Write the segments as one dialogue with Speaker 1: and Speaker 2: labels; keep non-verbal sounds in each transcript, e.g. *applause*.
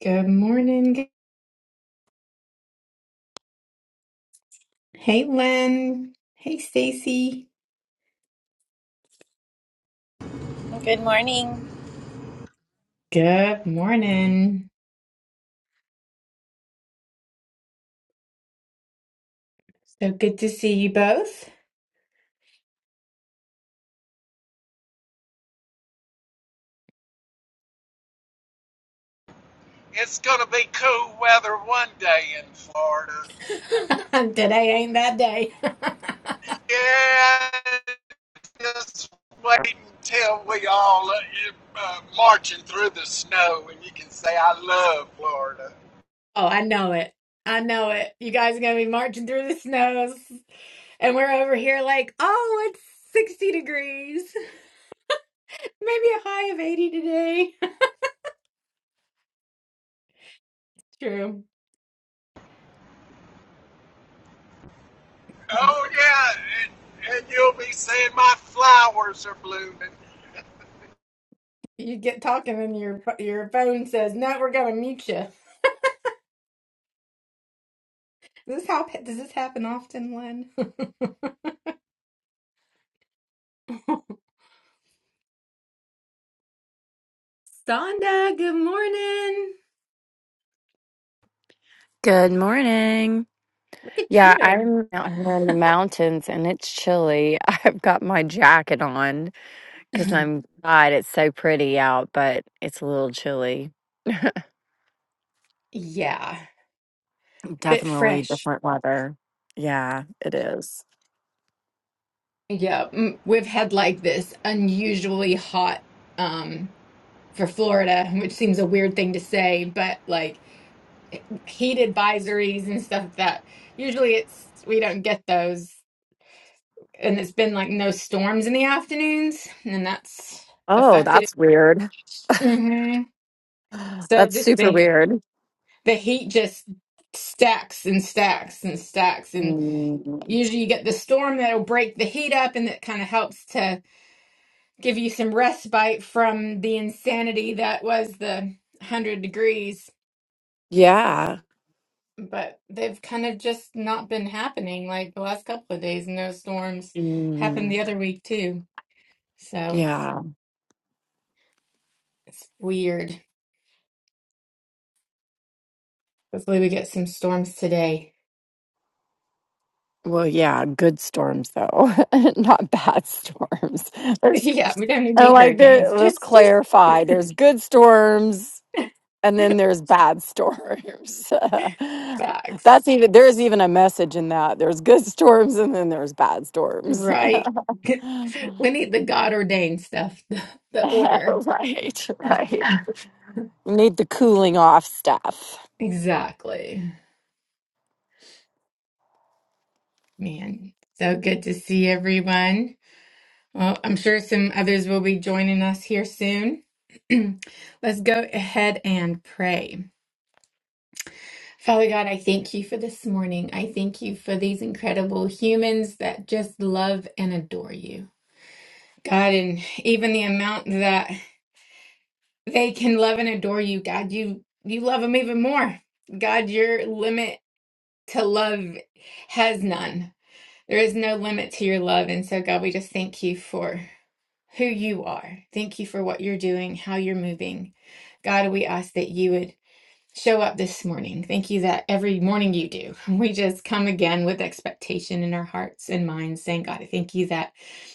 Speaker 1: Good morning. Hey, Lynn. Hey, Stacy.
Speaker 2: Good morning.
Speaker 1: Good morning. So good to see you both.
Speaker 3: It's gonna be cool weather one day in Florida.
Speaker 1: *laughs* Today ain't that day.
Speaker 3: Yeah, just wait until we all uh, uh, marching through the snow, and you can say I love Florida.
Speaker 1: Oh, I know it. I know it. You guys are going to be marching through the snows. And we're over here like, oh, it's 60 degrees. *laughs* Maybe a high of 80 today. *laughs* True.
Speaker 3: Oh yeah, and, and you'll be saying my flowers are blooming.
Speaker 1: You get talking and your your phone says, no, we're going to mute you. *laughs* Does this, hap- does this happen often, Lynn? *laughs* Sonda, good morning.
Speaker 4: Good morning.
Speaker 1: Look at
Speaker 4: Yeah,
Speaker 1: you.
Speaker 4: I'm out here in the mountains and it's chilly. *laughs* I've got my jacket on because
Speaker 1: *laughs*
Speaker 4: I'm glad it's so pretty out, but it's a little chilly.
Speaker 1: Yeah, bit
Speaker 4: Definitely
Speaker 1: fresh.
Speaker 4: different weather. Yeah, it is.
Speaker 1: Yeah, mm, we've had like this unusually hot um for Florida, which seems a weird thing to say, but like heat advisories and stuff that usually it's we don't get those. And it's been like no storms in the afternoons, and that's
Speaker 4: Oh,
Speaker 1: affected it.
Speaker 4: that's weird.
Speaker 1: hmm
Speaker 4: *gasps*
Speaker 1: So
Speaker 4: That's
Speaker 1: this
Speaker 4: super
Speaker 1: the
Speaker 4: weird.
Speaker 1: the heat just stacks and stacks and stacks and.
Speaker 4: Mm,
Speaker 1: Usually you get the storm that'll break the heat up and that kind of helps to give you some respite from the insanity that was the 100 degrees.
Speaker 4: yeah.
Speaker 1: But they've kind of just not been happening like the last couple of days, and those storms happened
Speaker 4: Mm,
Speaker 1: the other week too. So
Speaker 4: yeah.
Speaker 1: it's weird. Hopefully we get some storms today. *laughs*
Speaker 4: Well, yeah, good storms though, *laughs* not bad storms. *laughs* There's
Speaker 1: Yeah, we don't need
Speaker 4: And
Speaker 1: any
Speaker 4: like,
Speaker 1: hurricanes.
Speaker 4: there, let's
Speaker 1: Just just
Speaker 4: clarify: there's good storms, and then there's bad storms. *laughs*
Speaker 1: facts.
Speaker 4: That's even there's even a message in that. There's good storms, and then there's bad storms.
Speaker 1: Right. *laughs*
Speaker 4: *laughs*
Speaker 1: We need the God ordained stuff, *laughs* the, the order.
Speaker 4: right,
Speaker 1: *laughs*
Speaker 4: right. You need the cooling off stuff.
Speaker 1: Exactly. Man, so good to see everyone. Well, I'm sure some others will be joining us here soon. *clears throat* Let's go ahead and pray. Father God, I thank you for this morning. I thank you for these incredible humans that just love and adore you. God, and even the amount that they can love and adore you, God, you you love them even more. God, your limit to love has none. There is no limit to your love. And so, God, we just thank you for. who you are. Thank you for what you're doing, how you're moving. God, we ask that you would show up this morning. Thank you that every morning you do. *laughs* We just come again with expectation in our hearts and minds, saying, God, I thank you that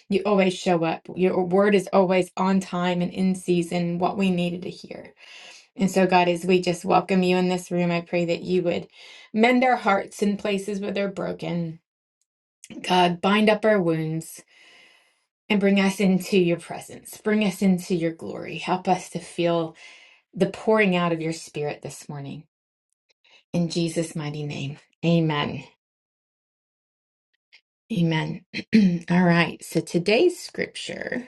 Speaker 1: you always show up. Your word is always on time and in season, what we needed to hear. And so, God, as we just welcome you in this room, I pray that you would mend our hearts in places where they're broken. God, bind up our wounds and bring us into your presence. Bring us into your glory. Help us to feel the pouring out of your spirit this morning. In Jesus' mighty name, amen. Amen. *clears throat* All right, so today's scripture,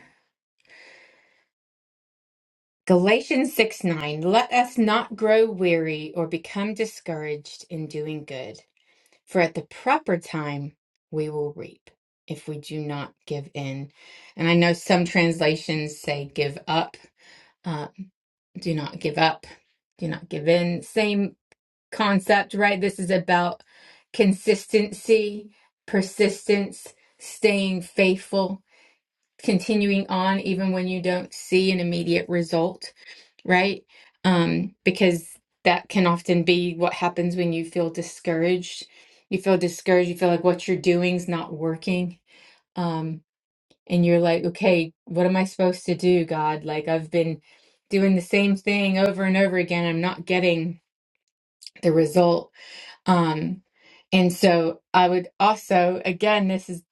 Speaker 1: Galatians 6 9. Let us not grow weary or become discouraged in doing good, for at the proper time we will reap if we do not give in. And I know some translations say give up Uh, do not give up, do not give in. Same concept, right? This is about consistency, persistence, staying faithful, continuing on even when you don't see an immediate result, right? Um, because that can often be what happens when you feel discouraged. You feel discouraged, you feel like what you're doing is not working. Um, and you're like, okay, what am I supposed to do, God? Like, I've been doing the same thing over and over again. I'm not getting the result. Um, and so I would also, again, this is,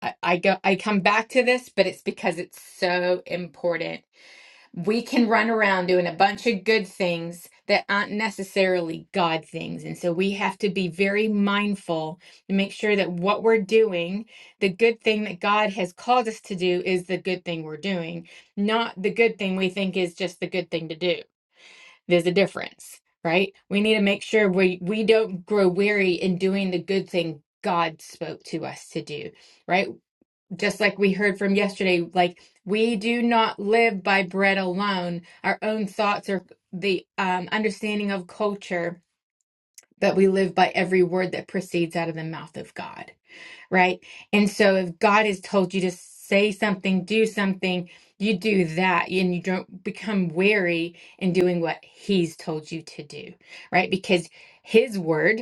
Speaker 1: I, I go, I come back to this, but it's because it's so important we can run around doing a bunch of good things that aren't necessarily God things. And so we have to be very mindful and make sure that what we're doing, the good thing that God has called us to do, is the good thing we're doing, not the good thing we think is just the good thing to do. There's a difference, right? We need to make sure we, we don't grow weary in doing the good thing God spoke to us to do, right? just like we heard from yesterday, like we do not live by bread alone. Our own thoughts or the um, understanding of culture, but we live by every word that proceeds out of the mouth of God, right? And so if God has told you to say something, do something, you do that and you don't become weary in doing what he's told you to do, right? Because his word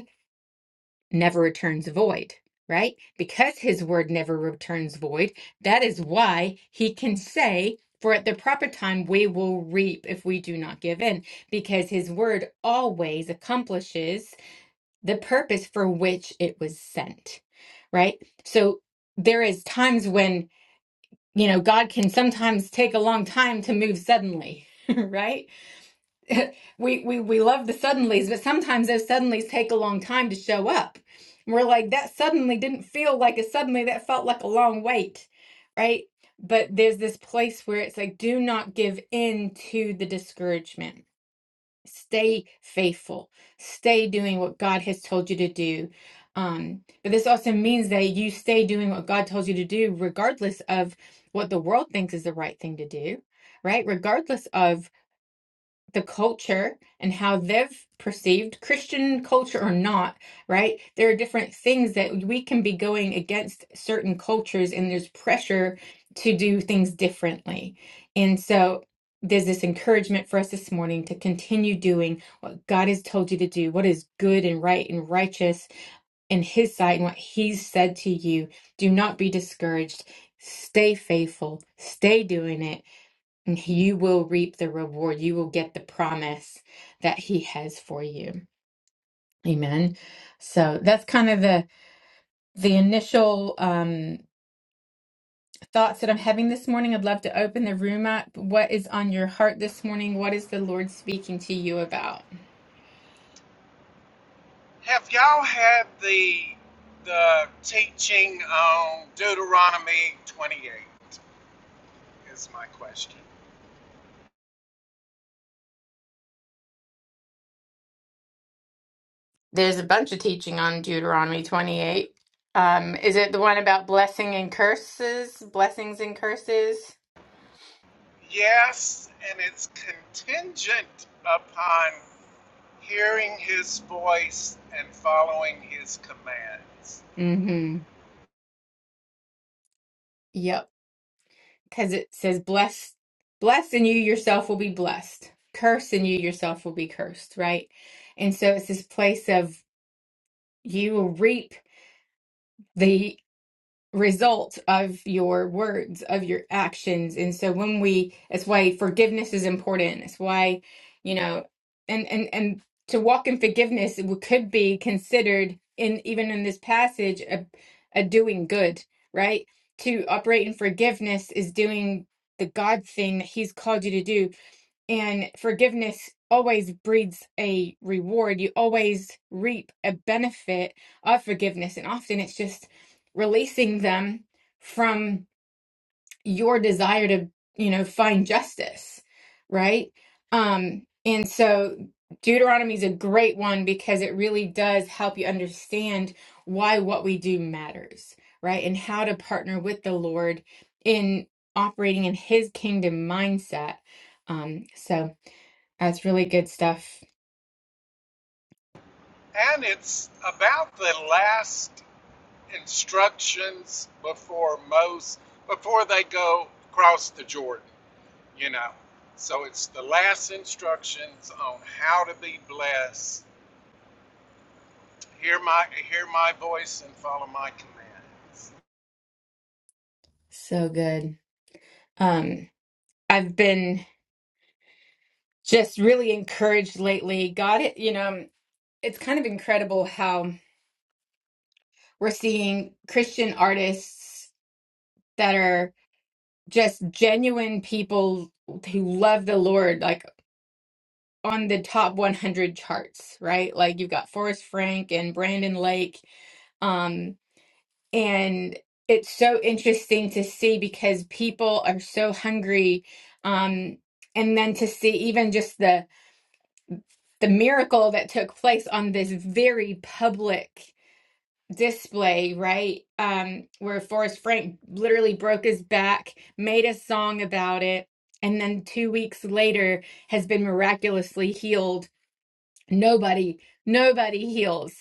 Speaker 1: never returns void, right? Because his word never returns void, that is why he can say, For at the proper time we will reap if we do not give in, because his word always accomplishes the purpose for which it was sent, right? So there is times when, you know, God can sometimes take a long time to move suddenly, *laughs* right? *laughs* we we we love the suddenlies, but sometimes those suddenlies take a long time to show up. And we're like, that suddenly didn't feel like a suddenly, that felt like a long wait, right? But there's this place where it's like, do not give in to the discouragement. Stay faithful. Stay doing what God has told you to do. Um, but this also means that you stay doing what God tells you to do, regardless of what the world thinks is the right thing to do, right? Regardless of the culture and how they've perceived Christian culture or not, right? There are different things that we can be going against certain cultures, and there's pressure to do things differently. And so there's this encouragement for us this morning to continue doing what God has told you to do, what is good and right and righteous in His sight, and what He's said to you. Do not be discouraged. Stay faithful. Stay doing it and you will reap the reward. You will get the promise that he has for you. Amen. So that's kind of the the initial um, thoughts that I'm having this morning. I'd love to open the room up. What is on your heart this morning? What is the Lord speaking to you about?
Speaker 3: Have y'all had the the teaching on Deuteronomy 28? Is my question.
Speaker 1: There's a bunch of teaching on Deuteronomy 28. Um, is it the one about blessing and curses, blessings and curses?
Speaker 3: Yes, and it's contingent upon hearing his voice and following his commands.
Speaker 1: Mm-hmm. Yep. because it says, "Blessed, blessed, and you yourself will be blessed. Cursed, and you yourself will be cursed." Right, and so it's this place of you will reap. the result of your words, of your actions. And so when we, that's why forgiveness is important. It's why, you know, and and and to walk in forgiveness it could be considered in even in this passage a, a doing good, right? To operate in forgiveness is doing the God thing that He's called you to do and forgiveness always breeds a reward. You always reap a benefit of forgiveness. And often it's just releasing them from your desire to, you know, find justice, right? Um, and so Deuteronomy is a great one because it really does help you understand why what we do matters, right? And how to partner with the Lord in operating in his kingdom mindset. Um, so that's really good stuff.
Speaker 3: And it's about the last instructions before Moses, before they go across the Jordan, you know. So it's the last instructions on how to be blessed. Hear my hear my voice and follow my commands.
Speaker 1: So good. Um, I've been just really encouraged lately. God, it, you know, it's kind of incredible how we're seeing Christian artists that are just genuine people who love the Lord, like on the top 100 charts, right? Like you've got Forrest Frank and Brandon Lake. Um, And it's so interesting to see because people are so hungry. Um, and then to see even just the the miracle that took place on this very public display, right? Um, where Forrest Frank literally broke his back, made a song about it, and then two weeks later has been miraculously healed Nobody, nobody heals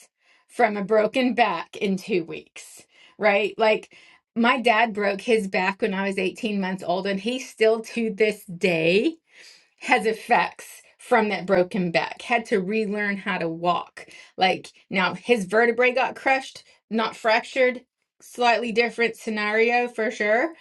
Speaker 1: from a broken back in two weeks, right? Like my dad broke his back when I was 18 months old, and he still to this day has effects from that broken back had to relearn how to walk like now his vertebrae got crushed not fractured slightly different scenario for sure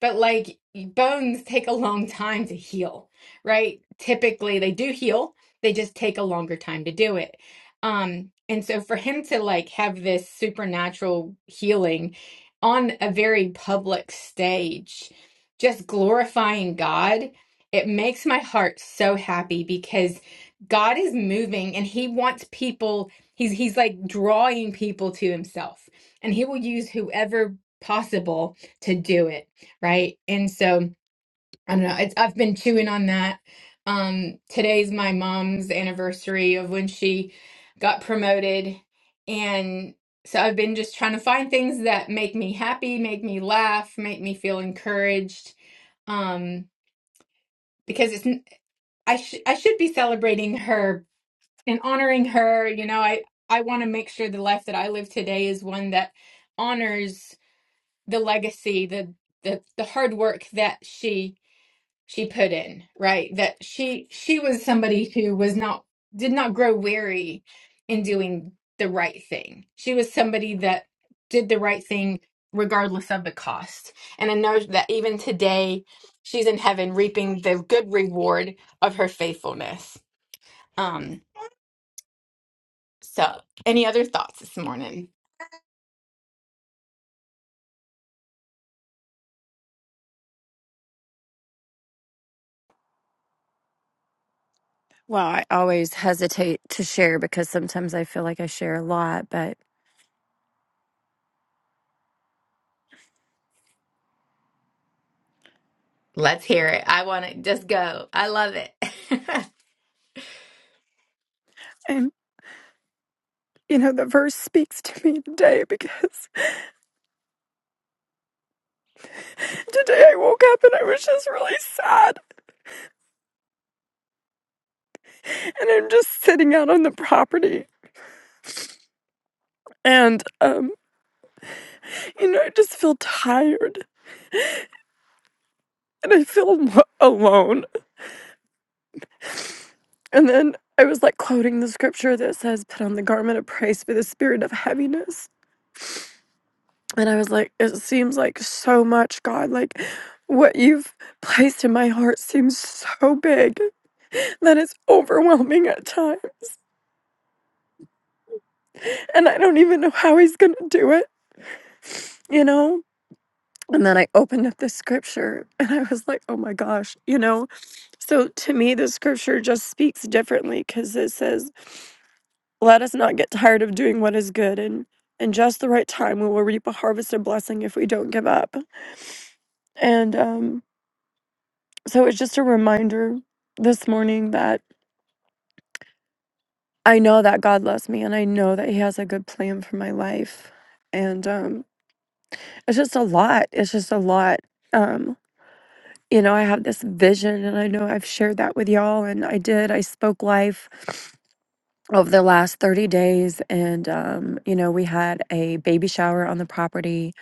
Speaker 1: but like bones take a long time to heal right typically they do heal they just take a longer time to do it um and so for him to like have this supernatural healing on a very public stage just glorifying god it makes my heart so happy because God is moving and he wants people he's he's like drawing people to himself and he will use whoever possible to do it, right? And so I don't know, it's I've been chewing on that. Um today's my mom's anniversary of when she got promoted and so I've been just trying to find things that make me happy, make me laugh, make me feel encouraged. Um, because it's I should I should be celebrating her and honoring her. You know, I I want to make sure the life that I live today is one that honors the legacy, the the the hard work that she she put in, right? That she she was somebody who was not did not grow weary in doing the right thing. She was somebody that did the right thing regardless of the cost. And I know that even today she's in heaven reaping the good reward of her faithfulness. Um, so any other thoughts this morning?
Speaker 4: Well, I always hesitate to share because sometimes I feel like I share a lot, but
Speaker 1: Let's hear it. I want to just go. I love it. *laughs*
Speaker 4: and you know, the verse speaks to me today because *laughs* today I woke up and I was just really sad. and I'm just sitting out on the property. And, um, you know, I just feel tired and I feel alone. And then I was like quoting the scripture that says, Put on the garment of praise for the spirit of heaviness. And I was like, It seems like so much, God. Like, what you've placed in my heart seems so big that it's overwhelming at times. And I don't even know how he's going to do it, you know? And then I opened up the scripture and I was like, oh my gosh, you know? So to me, the scripture just speaks differently because it says, "Let us not get tired of doing what is good, and in just the right time we will reap a harvest of blessing if we don't give up." And um, so it's just a reminder this morning that I know that God loves me, and I know that He has a good plan for my life. And um, it's just a lot. It's just a lot. Um, you know, I have this vision, and I know I've shared that with y'all, and I did. I spoke life over the last 30 days and um you know we had a baby shower on the property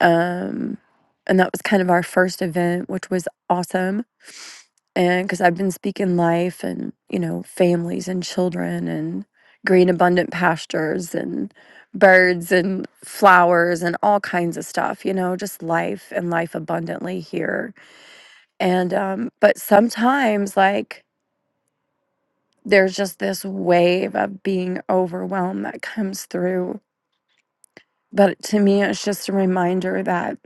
Speaker 4: um and that was kind of our first event which was awesome and because i've been speaking life and you know families and children and green abundant pastures and birds and flowers and all kinds of stuff you know just life and life abundantly here and um but sometimes like there's just this wave of being overwhelmed that comes through. But to me, it's just a reminder that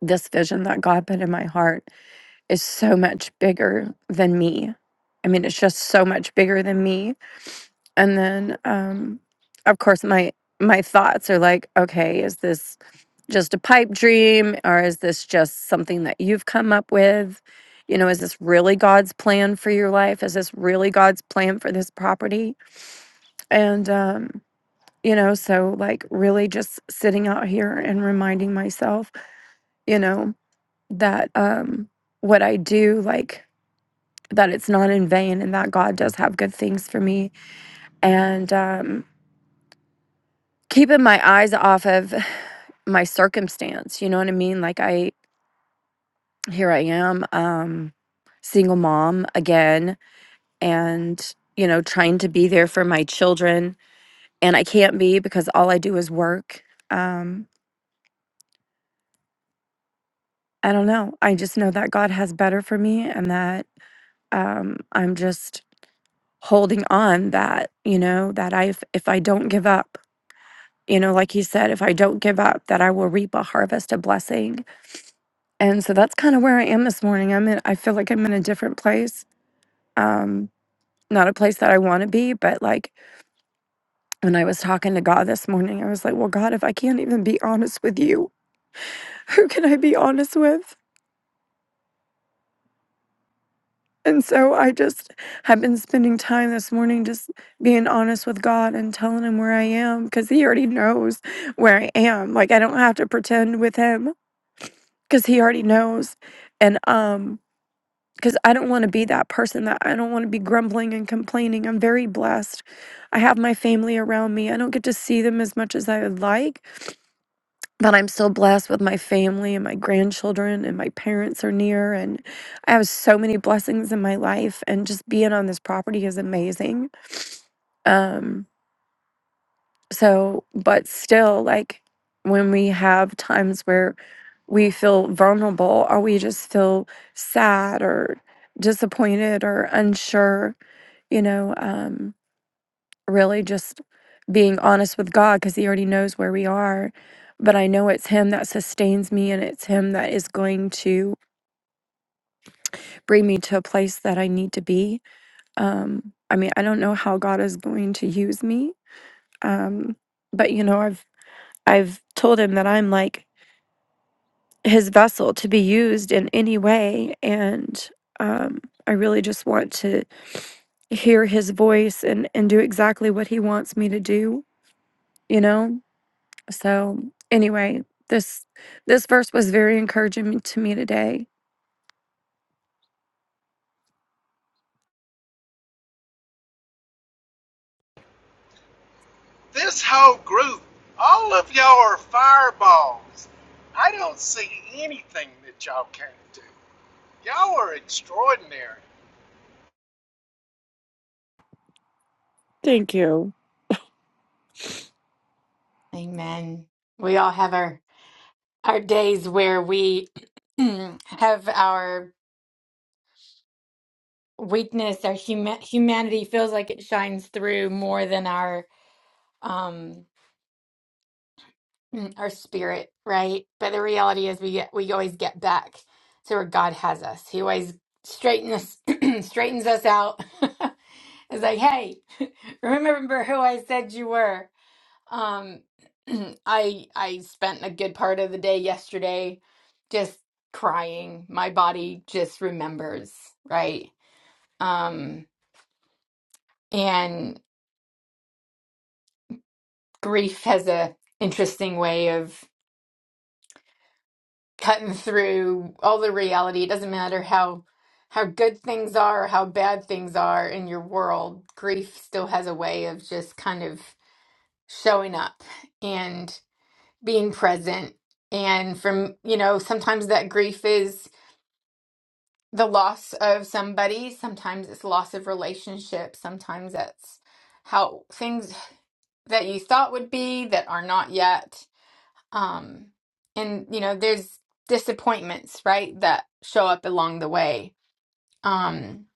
Speaker 4: this vision that God put in my heart is so much bigger than me. I mean, it's just so much bigger than me. And then, um, of course, my my thoughts are like, okay, is this just a pipe dream, or is this just something that you've come up with? You know, is this really God's plan for your life? Is this really God's plan for this property? And um, you know so like really just sitting out here and reminding myself you know that um what i do like that it's not in vain and that god does have good things for me and um keeping my eyes off of *sighs* my circumstance you know what i mean like i here i am um single mom again and you know trying to be there for my children and i can't be because all i do is work Um I don't know. I just know that God has better for me and that um, I'm just holding on that, you know, that I if, if I don't give up, you know, like he said, if I don't give up, that I will reap a harvest of blessing. And so that's kind of where I am this morning. I'm in I feel like I'm in a different place. Um not a place that I want to be, but like when I was talking to God this morning, I was like, "Well, God, if I can't even be honest with you, *laughs* who can I be honest with?" And so I just have been spending time this morning just being honest with God and telling him where I am because he already knows where I am. Like I don't have to pretend with him because he already knows. And um because I don't want to be that person that I don't want to be grumbling and complaining. I'm very blessed. I have my family around me. I don't get to see them as much as I would like, but I'm still blessed with my family and my grandchildren, and my parents are near. And I have so many blessings in my life, and just being on this property is amazing. Um, so, but still, like when we have times where we feel vulnerable or we just feel sad or disappointed or unsure, you know. um, really just being honest with God because He already knows where we are. But I know it's Him that sustains me and it's Him that is going to bring me to a place that I need to be. Um, I mean, I don't know how God is going to use me. Um, but you know, I've I've told him that I'm like his vessel to be used in any way. And um, I really just want to hear his voice and, and do exactly what he wants me to do, you know? So anyway, this this verse was very encouraging to me today.
Speaker 3: This whole group, all of y'all are fireballs. I don't see anything that y'all can't do. Y'all are extraordinary.
Speaker 1: Amen. We all have our our days where we *clears throat* have our weakness, our huma humanity feels like it shines through more than our um *clears throat* mm, our spirit, right? But the reality is we get we always get back to where God has us. He always straightens us *clears throat* straightens us out *laughs* It's like, hey, *laughs* remember who I said you were. Um, *clears throat* I I spent a good part of the day yesterday just crying. My body just remembers, right? Um, and grief has a interesting way of cutting through all the reality. It doesn't matter how how good things are or how bad things are in your world, grief still has a way of just kind of showing up. being present and from you know sometimes that grief is the loss of somebody sometimes it's loss of relationship sometimes that's how things that you thought would be that are not yet um and you know there's disappointments right that show up along the way um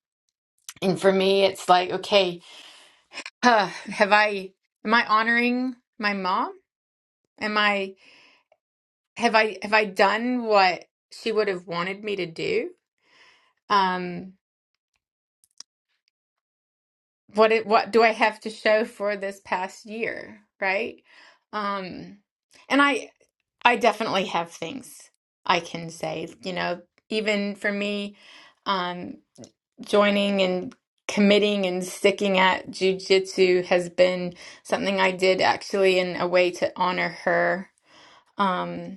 Speaker 1: and for me it's like okay *sighs* huh, have i am i honoring my mom am i have i have i done what she would have wanted me to do um what it, what do I have to show for this past year, right? Um and I I definitely have things I can say, you know, even for me um joining and committing and sticking at jujitsu has been something I did actually in a way to honor her. Um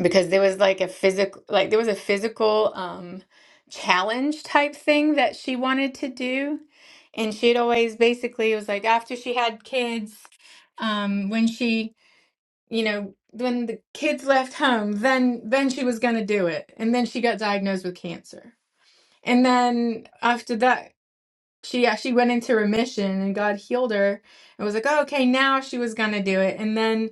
Speaker 1: because there was like a physical like there was a physical um challenge type thing that she wanted to do and she'd always basically it was like after she had kids um when she you know when the kids left home then then she was going to do it and then she got diagnosed with cancer and then after that she yeah she went into remission and god healed her it was like oh, okay now she was gonna do it and then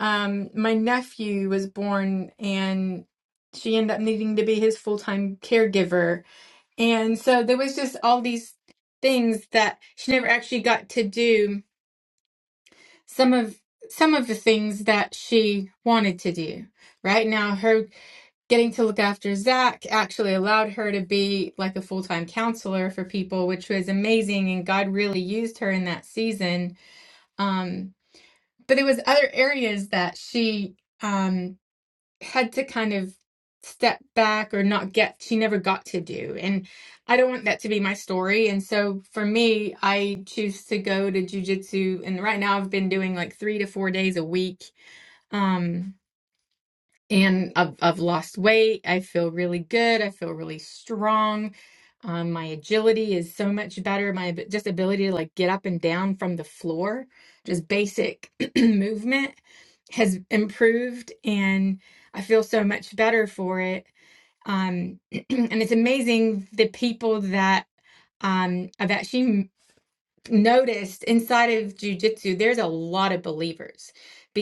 Speaker 1: um my nephew was born and she ended up needing to be his full-time caregiver and so there was just all these things that she never actually got to do some of some of the things that she wanted to do right now her getting to look after Zach actually allowed her to be like a full time counselor for people, which was amazing. And God really used her in that season. Um, but there was other areas that she um, had to kind of step back or not get. She never got to do, and I don't want that to be my story. And so for me, I choose to go to jujitsu, and right now I've been doing like three to four days a week. Um, and I've, I've lost weight. I feel really good. I feel really strong. Um, my agility is so much better. My ab- just ability to like get up and down from the floor, just basic *clears throat* movement has improved and I feel so much better for it. Um, *clears throat* and it's amazing the people that um, I've actually m- noticed inside of jujitsu, there's a lot of believers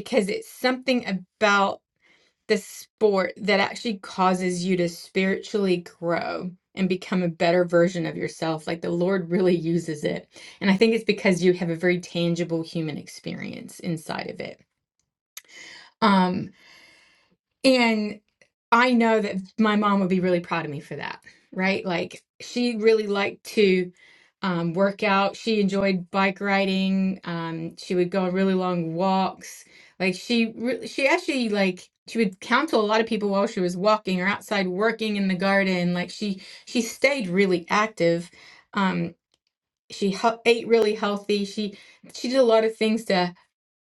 Speaker 1: because it's something about the sport that actually causes you to spiritually grow and become a better version of yourself. Like the Lord really uses it. And I think it's because you have a very tangible human experience inside of it. Um, and I know that my mom would be really proud of me for that, right? Like she really liked to um, work out. She enjoyed bike riding. Um, she would go on really long walks. Like she, re- she actually like she would counsel a lot of people while she was walking or outside working in the garden. Like she, she stayed really active. Um, she hel- ate really healthy. She, she did a lot of things to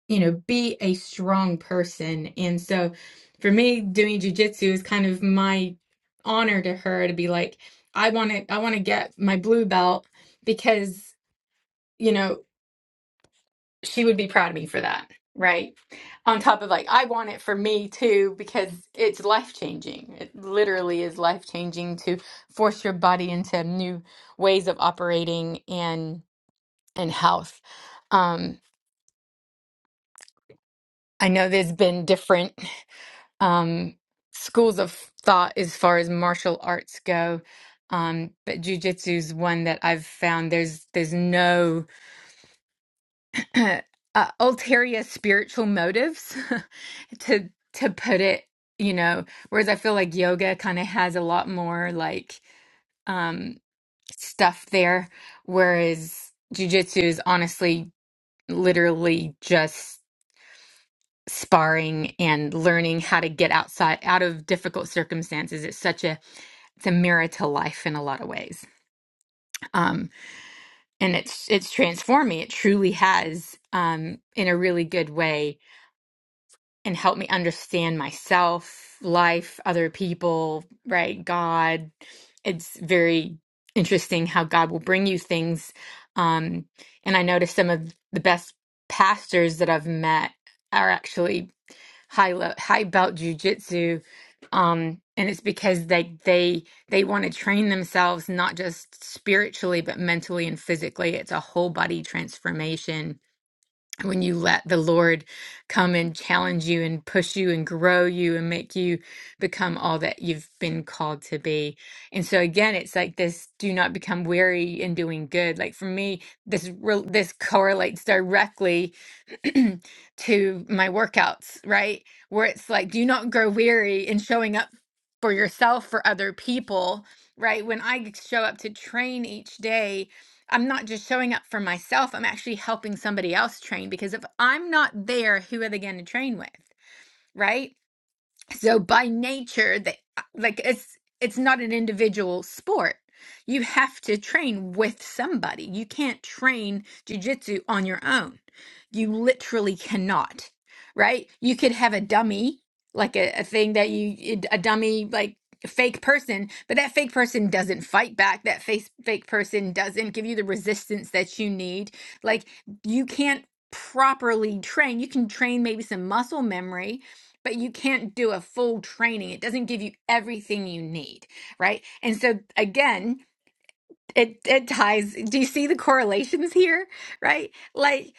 Speaker 1: you know, be a strong person. And so for me, doing jujitsu is kind of my honor to her to be like, I want to, I want to get my blue belt because, you know, she would be proud of me for that. Right. On top of like, I want it for me too because it's life changing. It literally is life changing to force your body into new ways of operating and and health. Um, I know there's been different. *laughs* um, schools of thought as far as martial arts go. Um, but jujitsu's one that I've found there's there's no *clears throat* uh, ulterior spiritual motives *laughs* to to put it, you know. Whereas I feel like yoga kind of has a lot more like um, stuff there, whereas jujitsu is honestly literally just sparring and learning how to get outside out of difficult circumstances it's such a it's a mirror to life in a lot of ways um and it's it's transformed me it truly has um in a really good way and helped me understand myself life other people right god it's very interesting how god will bring you things um and i notice some of the best pastors that i've met are actually high le- high belt jujitsu, um, and it's because they they they want to train themselves not just spiritually but mentally and physically. It's a whole body transformation when you let the Lord come and challenge you and push you and grow you and make you become all that you've been called to be. And so again, it's like this: do not become weary in doing good. Like for me, this re- this correlates directly *clears throat* to my workouts, right? Where it's like, do not grow weary in showing up for yourself, for other people, right? When I show up to train each day, I'm not just showing up for myself, I'm actually helping somebody else train because if I'm not there, who are they going to train with, right? So by nature, they uh, like it's it's not an individual sport. You have to train with somebody. You can't train jujitsu on your own. You literally cannot, right? You could have a dummy, like a, a thing that you a dummy like a fake person, but that fake person doesn't fight back. That face fake person doesn't give you the resistance that you need. Like you can't properly train. You can train maybe some muscle memory, but you can't do a full training. It doesn't give you everything you need, right? And so again, it it ties. Do you see the correlations here, right? Like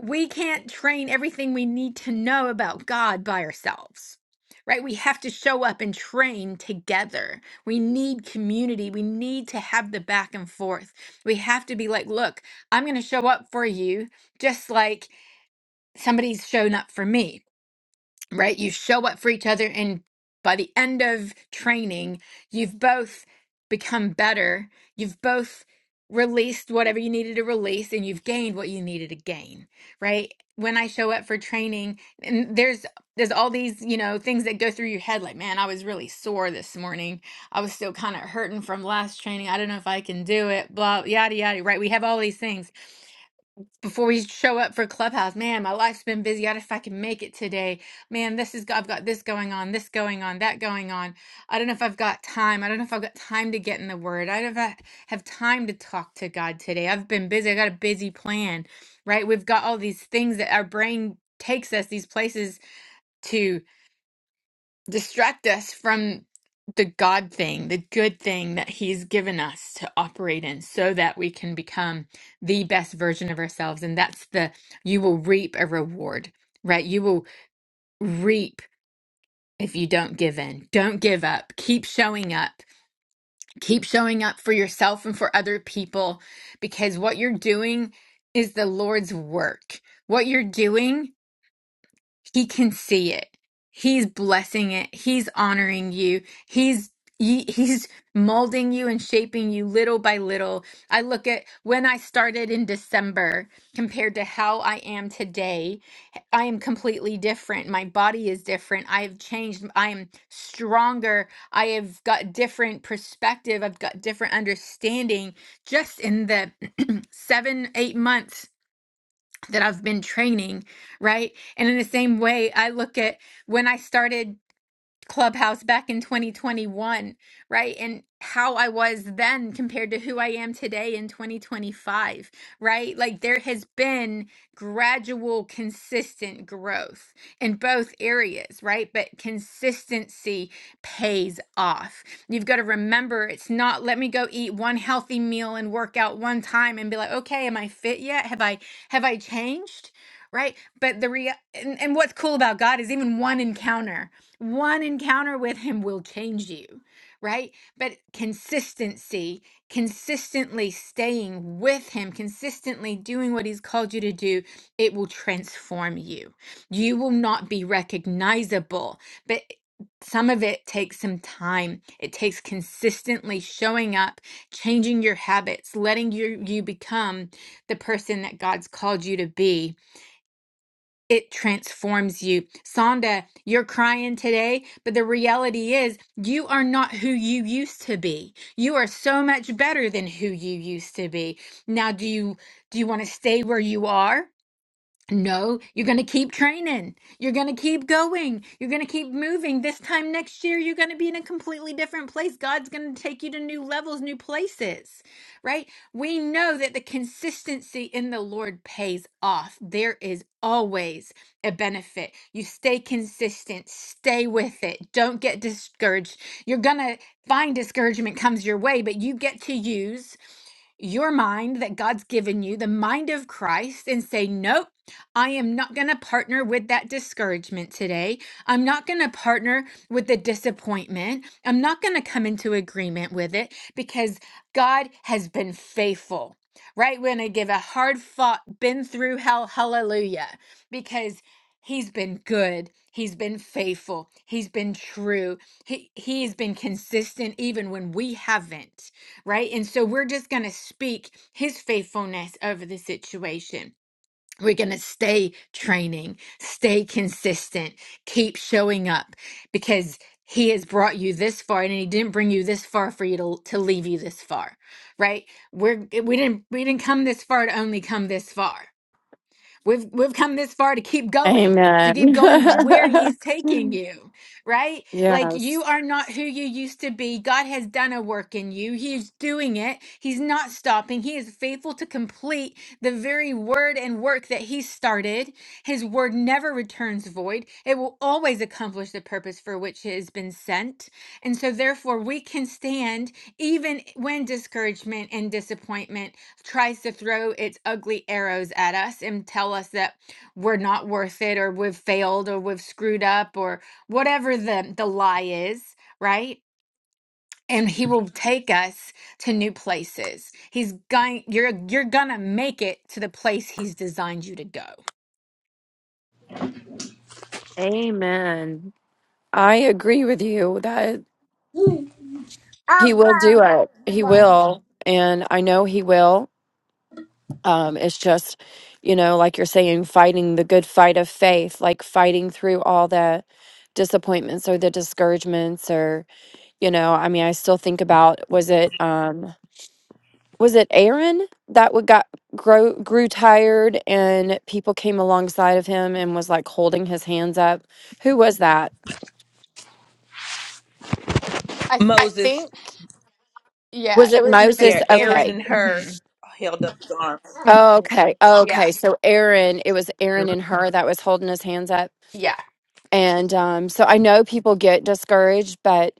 Speaker 1: we can't train everything we need to know about God by ourselves. Right? We have to show up and train together. We need community. We need to have the back and forth. We have to be like, look, I'm going to show up for you just like somebody's shown up for me right? You show up for each other, and by the end of training, you've both become better. You've both released whatever you needed to release, and you've gained what you needed to gain, right? When I show up for training, and there's there's all these you know things that go through your head, like man, I was really sore this morning. I was still kind of hurting from last training. I don't know if I can do it. Blah yada yada. Right? We have all these things, before we show up for clubhouse man my life's been busy i don't know if i can make it today man this is i've got this going on this going on that going on i don't know if i've got time i don't know if i've got time to get in the word i don't know if i have time to talk to god today i've been busy i got a busy plan right we've got all these things that our brain takes us these places to distract us from the God thing, the good thing that He's given us to operate in so that we can become the best version of ourselves. And that's the, you will reap a reward, right? You will reap if you don't give in. Don't give up. Keep showing up. Keep showing up for yourself and for other people because what you're doing is the Lord's work. What you're doing He can see it. He's blessing it. He's honoring you. He's he- he's molding you and shaping you little by little. I look at when I started in December compared to how I am today. I am completely different. My body is different. I have changed. I am stronger. I have got different perspective. I've got different understanding just in the *clears throat* 7 8 months that I've been training, right? And in the same way, I look at when I started Clubhouse back in 2021, right? And how I was then compared to who I am today in 2025, right? Like there has been gradual, consistent growth in both areas, right? But consistency pays off. You've got to remember it's not let me go eat one healthy meal and work out one time and be like, okay, am I fit yet? Have I have I changed? Right. But the real and, and what's cool about God is even one encounter one encounter with him will change you, right? But consistency, consistently staying with him, consistently doing what he's called you to do, it will transform you. You will not be recognizable, but some of it takes some time. It takes consistently showing up, changing your habits, letting you, you become the person that God's called you to be it transforms you. Sonda, you're crying today, but the reality is you are not who you used to be. You are so much better than who you used to be. Now, do you do you want to stay where you are? No, you're going to keep training. You're going to keep going. You're going to keep moving. This time next year, you're going to be in a completely different place. God's going to take you to new levels, new places, right? We know that the consistency in the Lord pays off. There is always a benefit. You stay consistent, stay with it. Don't get discouraged. You're going to find discouragement comes your way, but you get to use your mind that God's given you, the mind of Christ, and say, Nope, I am not going to partner with that discouragement today. I'm not going to partner with the disappointment. I'm not going to come into agreement with it because God has been faithful, right? We're going to give a hard fought, been through hell, hallelujah, because He's been good. He's been faithful. He's been true. He, he's been consistent even when we haven't right? And so we're just going to speak his faithfulness over the situation. We're going to stay training, stay consistent, keep showing up because he has brought you this far and he didn't bring you this far for you to, to leave you this far, right? We're we didn't we didn't come this far to only come this far. We've we've come this far to keep going, to
Speaker 4: Amen.
Speaker 1: keep going where
Speaker 4: *laughs*
Speaker 1: he's taking you, right? Like you
Speaker 4: yes.
Speaker 1: are not who you used to be. God has done a work in you. He's doing it. He's not stopping. He is faithful to complete the very word and work that he started. His word never returns void. It will always accomplish the purpose for which it has been sent. And so therefore we can stand even when discouragement and disappointment tries to throw its ugly arrows at us and tell us that we're not worth it or we've failed or we've screwed up or whatever the the lie is, right? And he will take us to new places. He's going you're you're going to make it to the place he's designed you to go.
Speaker 4: Amen. I agree with you that
Speaker 5: I
Speaker 4: he will do it. He will. And I know he will. Um, it's just, you know, like you're saying, fighting the good fight of faith, like fighting through all the disappointments or the discouragements or, you know, I mean, I still think about was it um was it Aaron that would got grow grew tired and people came alongside of him and was like holding his hands up? Who was that?
Speaker 1: I
Speaker 6: Moses,
Speaker 1: think yeah,
Speaker 4: Was
Speaker 1: it
Speaker 4: it
Speaker 1: was m-
Speaker 4: Moses?
Speaker 6: yeah,
Speaker 1: it was
Speaker 6: Aaron
Speaker 4: Okay.
Speaker 6: and
Speaker 1: mhm.
Speaker 6: her held up his arms.
Speaker 1: Mhm.
Speaker 4: Okay.
Speaker 1: yeah.
Speaker 4: Okay. So Aaron, it was Aaron and her that was holding his hands up.
Speaker 1: Yeah.
Speaker 4: And um so I know people get discouraged, but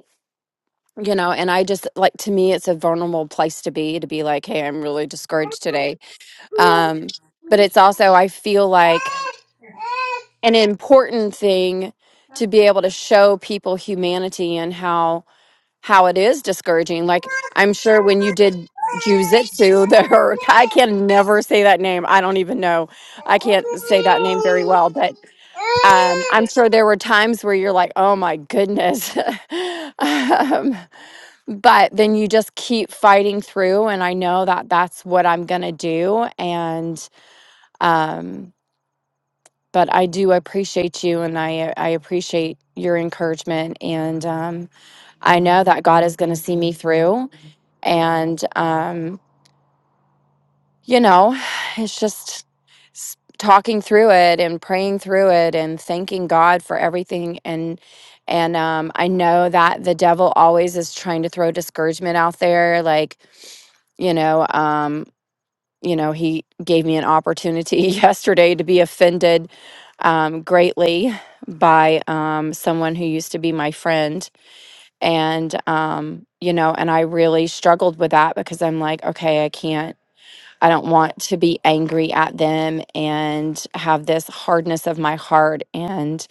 Speaker 4: you know, and I just like to me it's a vulnerable place to be to be like, hey, I'm really discouraged today. Um but it's also I feel like an important thing to be able to show people humanity and how how it is discouraging. Like I'm sure when you did jujitsu, *laughs* there I can never say that name. I don't even know. I can't say that name very well, but um, I'm sure there were times where you're like, "Oh my goodness," *laughs* um, but then you just keep fighting through. And I know that that's what I'm gonna do. And um, but I do appreciate you and I I appreciate your encouragement and um I know that God is going to see me through and um you know *sighs* it's just s- talking through it and praying through it and thanking God for everything and and um I know that the devil always is trying to throw discouragement out there like you know Um, you know, he gave me an opportunity *laughs* yesterday to be offended um, greatly by um, someone who used to be my friend. And, um, you know, and I really struggled with that because I'm like, okay, I can't. I don't want to be angry at them and have this hardness of my heart and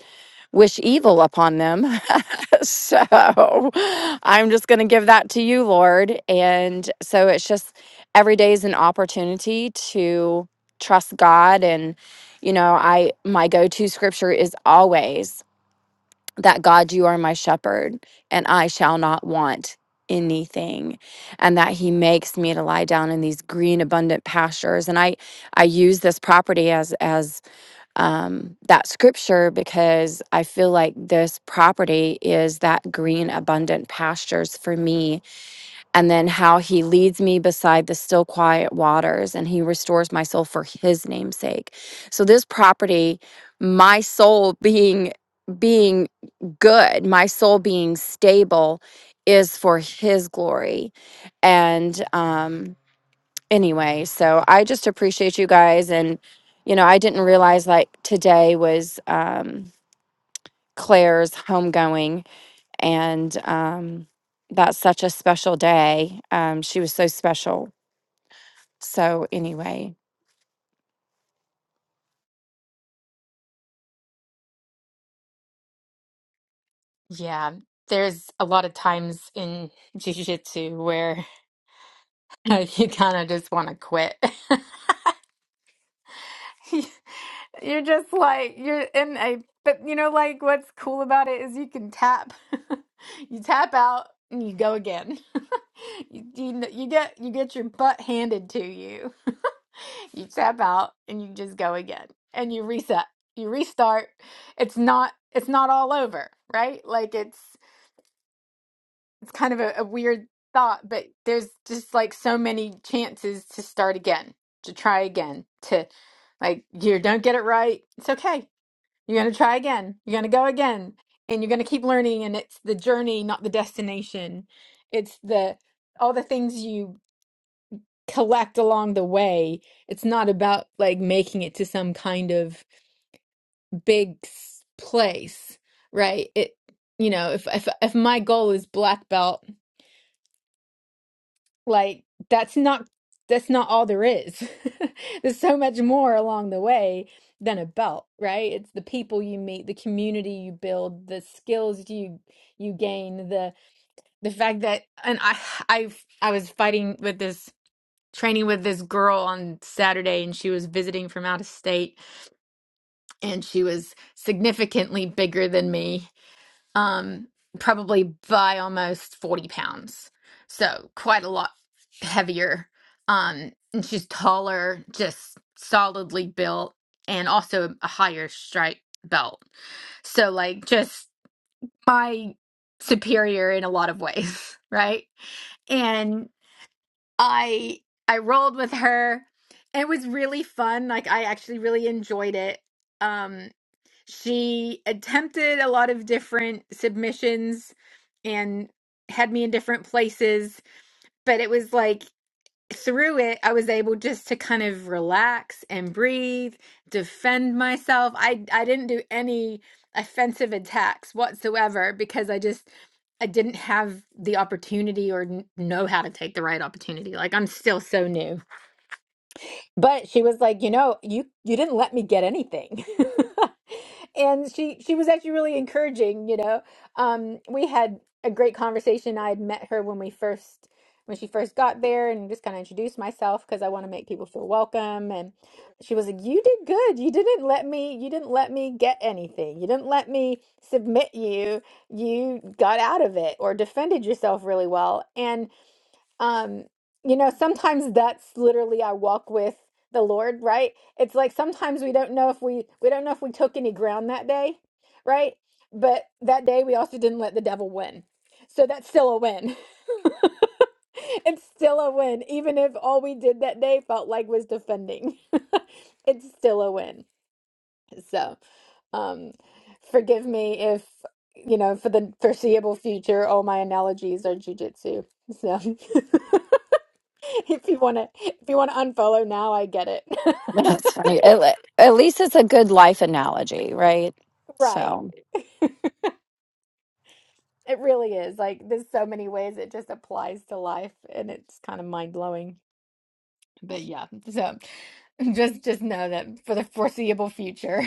Speaker 4: wish evil upon them. *laughs* so I'm just going to give that to you, Lord. And so it's just every day is an opportunity to trust God. And, you know, I, my go to scripture is always that God, you are my shepherd, and I shall not want anything and that he makes me to lie down in these green abundant pastures and i i use this property as as um that scripture because i feel like this property is that green abundant pastures for me and then how he leads me beside the still quiet waters and he restores my soul for his name's sake so this property my soul being being good my soul being stable is for his glory and um anyway so i just appreciate you guys and you know i didn't realize like today was um claire's homegoing and um, that's such a special day. Um, she was so special. So anyway,
Speaker 1: Yeah. There's a lot of times in jiu-jitsu where *laughs* you kind of just want to quit. *laughs* You're just like you're in a but you know like what's cool about it is you can tap. *laughs* You tap out and you go again. *laughs* You, you kn- you get you get your butt handed to you. *laughs* You tap out and you just go again and you reset. You restart. It's not it's not all over, right? Like It's kind of a, a weird thought, but there's just like so many chances to start again, to try again, to like you don't get it right. It's okay. You're going to try again. You're going to go again. And you're going to keep learning. And it's the journey, not the destination. It's the all the things you collect along the way. It's not about like making it to some kind of big s- place, right? It, you know, if if if my goal is black belt Like that's not that's not all there is. *laughs* There's so much more along the way than a belt, right? It's the people you meet, the community you build, the skills you you gain, the the fact that and I I I was fighting with this training with this girl on Saturday and she was visiting from out of state and she was significantly bigger than me um, probably by almost 40 pounds. So quite a lot heavier. Um, and she's taller, just solidly built, and also a higher stripe belt. So, like, just my superior in a lot of ways, *laughs* right? And I I rolled with her. It was really fun. Like I actually really enjoyed it. um, she attempted a lot of different submissions and had me in different places, but it was like through it, I was able just to kind of relax and breathe, defend myself. I I didn't do any offensive attacks whatsoever because I just I didn't have the opportunity or n- know how to take the right opportunity. Like I'm still so new. But she was like, you know, you you didn't let me get anything. *laughs* And she she was actually really encouraging, you know. Um, we had a great conversation. I had met her when we first when she first got there and just kind of introduced myself because I want to make people feel welcome. And she was like, "You did good. You didn't let me you didn't let me get anything. You didn't let me submit you. You got out of it or defended yourself really well." And um you know sometimes that's literally i walk with the lord right it's like sometimes we don't know if we we don't know if we took any ground that day right but that day we also didn't let the devil win so that's still a win *laughs* it's still a win even if all we did that day felt like was defending *laughs* it's still a win so um forgive me if you know for the foreseeable future all my analogies are jujitsu so *laughs* *laughs* if you want to if you want to unfollow now i get it
Speaker 4: *laughs*
Speaker 1: *laughs*
Speaker 4: that's funny. At, le- at least it's a good life analogy, right?
Speaker 1: right
Speaker 4: So
Speaker 1: it really is like there's so many ways it just applies to life and it's kind of mind-blowing but yeah so *laughs* just just know that for the foreseeable future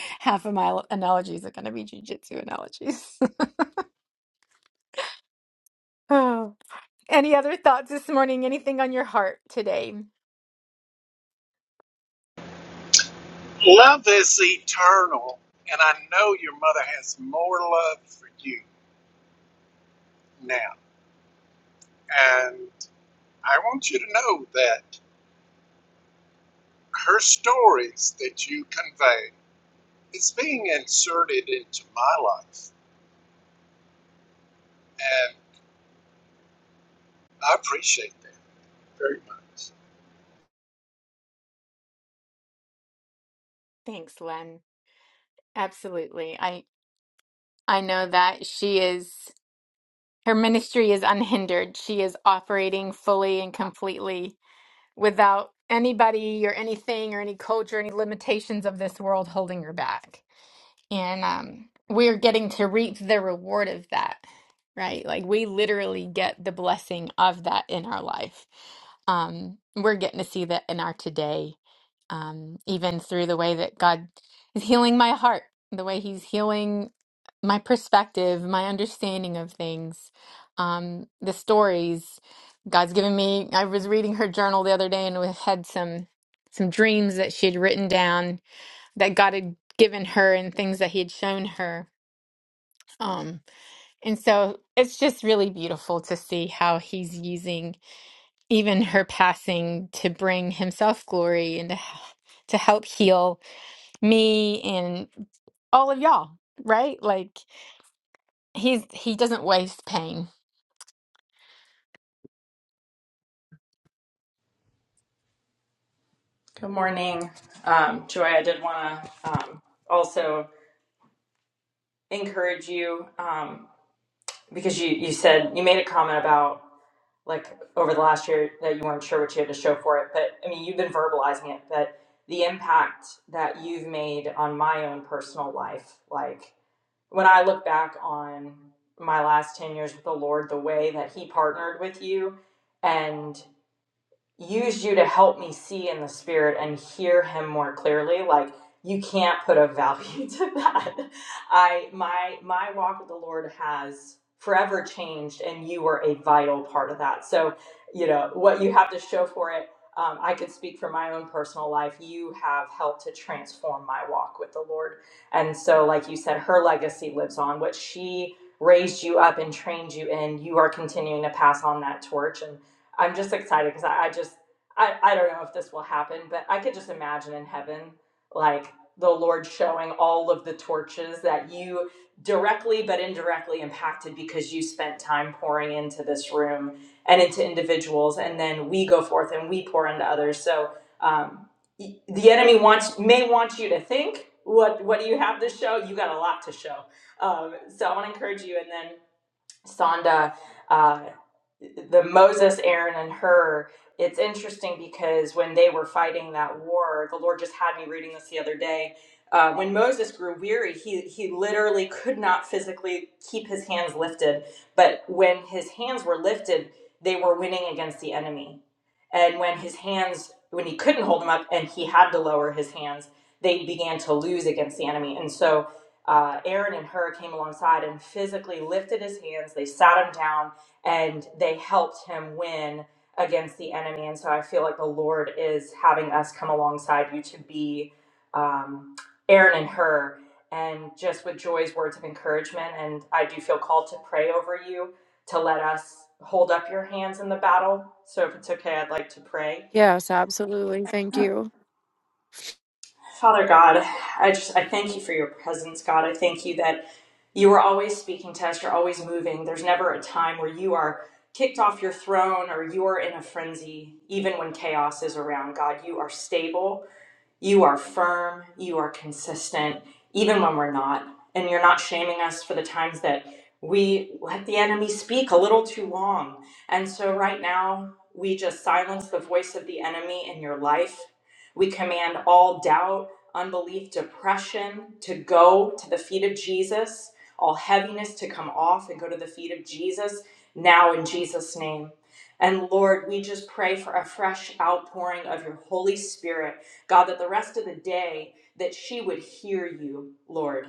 Speaker 1: *laughs* half of my analogies are going to be jujitsu analogies *laughs* oh any other thoughts this morning anything on your heart today
Speaker 3: Love is eternal, and I know your mother has more love for you now. And I want you to know that her stories that you convey is being inserted into my life, and I appreciate that very much.
Speaker 1: thanks len absolutely i i know that she is Her ministry is unhindered. She is operating fully and completely without anybody or anything or any culture, any limitations of this world holding her back. And um, we're getting to reap the reward of that, right? Like we literally get the blessing of that in our life. Um, we're getting to see that in our today, um, even through the way that God is healing my heart, the way He's healing my perspective, my understanding of things, um, the stories God's given me. I was reading her journal the other day and we had some some dreams that she had written down that God had given her and things that He had shown her. Um, and so it's just really beautiful to see how He's using even her passing to bring Himself glory and to, to help heal me and all of y'all. Right? Like he's he doesn't waste pain
Speaker 5: Good morning, um, Joy. I did want to um, also encourage you um, because you, you said you made a comment about. like over the last year that you weren't sure what you had to show for it. But I mean, you've been verbalizing it, but the impact that you've made on my own personal life, like when I look back on my last 10 years with the Lord, the way that He partnered with you and use you to help me see in the spirit and hear him more clearly like you can't put a value *laughs* to that i my my walk with the lord has forever changed and you were a vital part of that so you know what you have to show for it um, i could speak from my own personal life you have helped to transform my walk with the lord and so like you said her legacy lives on what she raised you up and trained you in you are continuing to pass on that torch and. I'm just excited because I, I just I, I don't know if this will happen, but I could just imagine in heaven like the Lord showing all of the torches that you directly but indirectly impacted because you spent time pouring into this room and into individuals, and then we go forth and we pour into others. So um, y- the enemy wants may want you to think. What, what do you have to show? You got a lot to show. Um, so I want to encourage you. and then. Sonda, uh, the Moses, Aaron, and her. It's interesting because when they were fighting that war, the Lord just had me reading this the other day. Uh, when Moses grew weary, he he literally could not physically keep his hands lifted. But when his hands were lifted, they were winning against the enemy and when his hands when he couldn't hold them up and he had to lower his hands they began to lose against the enemy and so uh, aaron and her came alongside and physically lifted his hands they sat him down and they helped him win against the enemy and so i feel like the lord is having us come alongside you to be um, aaron and her and just with joy's words of encouragement and i do feel called to pray over you to let us hold up your hands in the battle. So if it's okay, I'd like to pray.
Speaker 4: yes, absolutely. Thank you.
Speaker 5: Father God, I just I thank you for your presence, God. I thank you that you are always speaking to us, you're always moving. There's never a time where you are kicked off your throne or you are in a frenzy, even when chaos is around. God, you are stable You are firm, you are consistent, even when we're not. And you're not shaming us for the times that we let the enemy speak a little too long. And so, right now, we just silence the voice of the enemy in your life. We command all doubt, unbelief, depression to go to the feet of Jesus, all heaviness to come off and go to the feet of Jesus now in Jesus' name. And Lord, we just pray for a fresh outpouring of your Holy Spirit God, that the rest of the day that she would hear you, Lord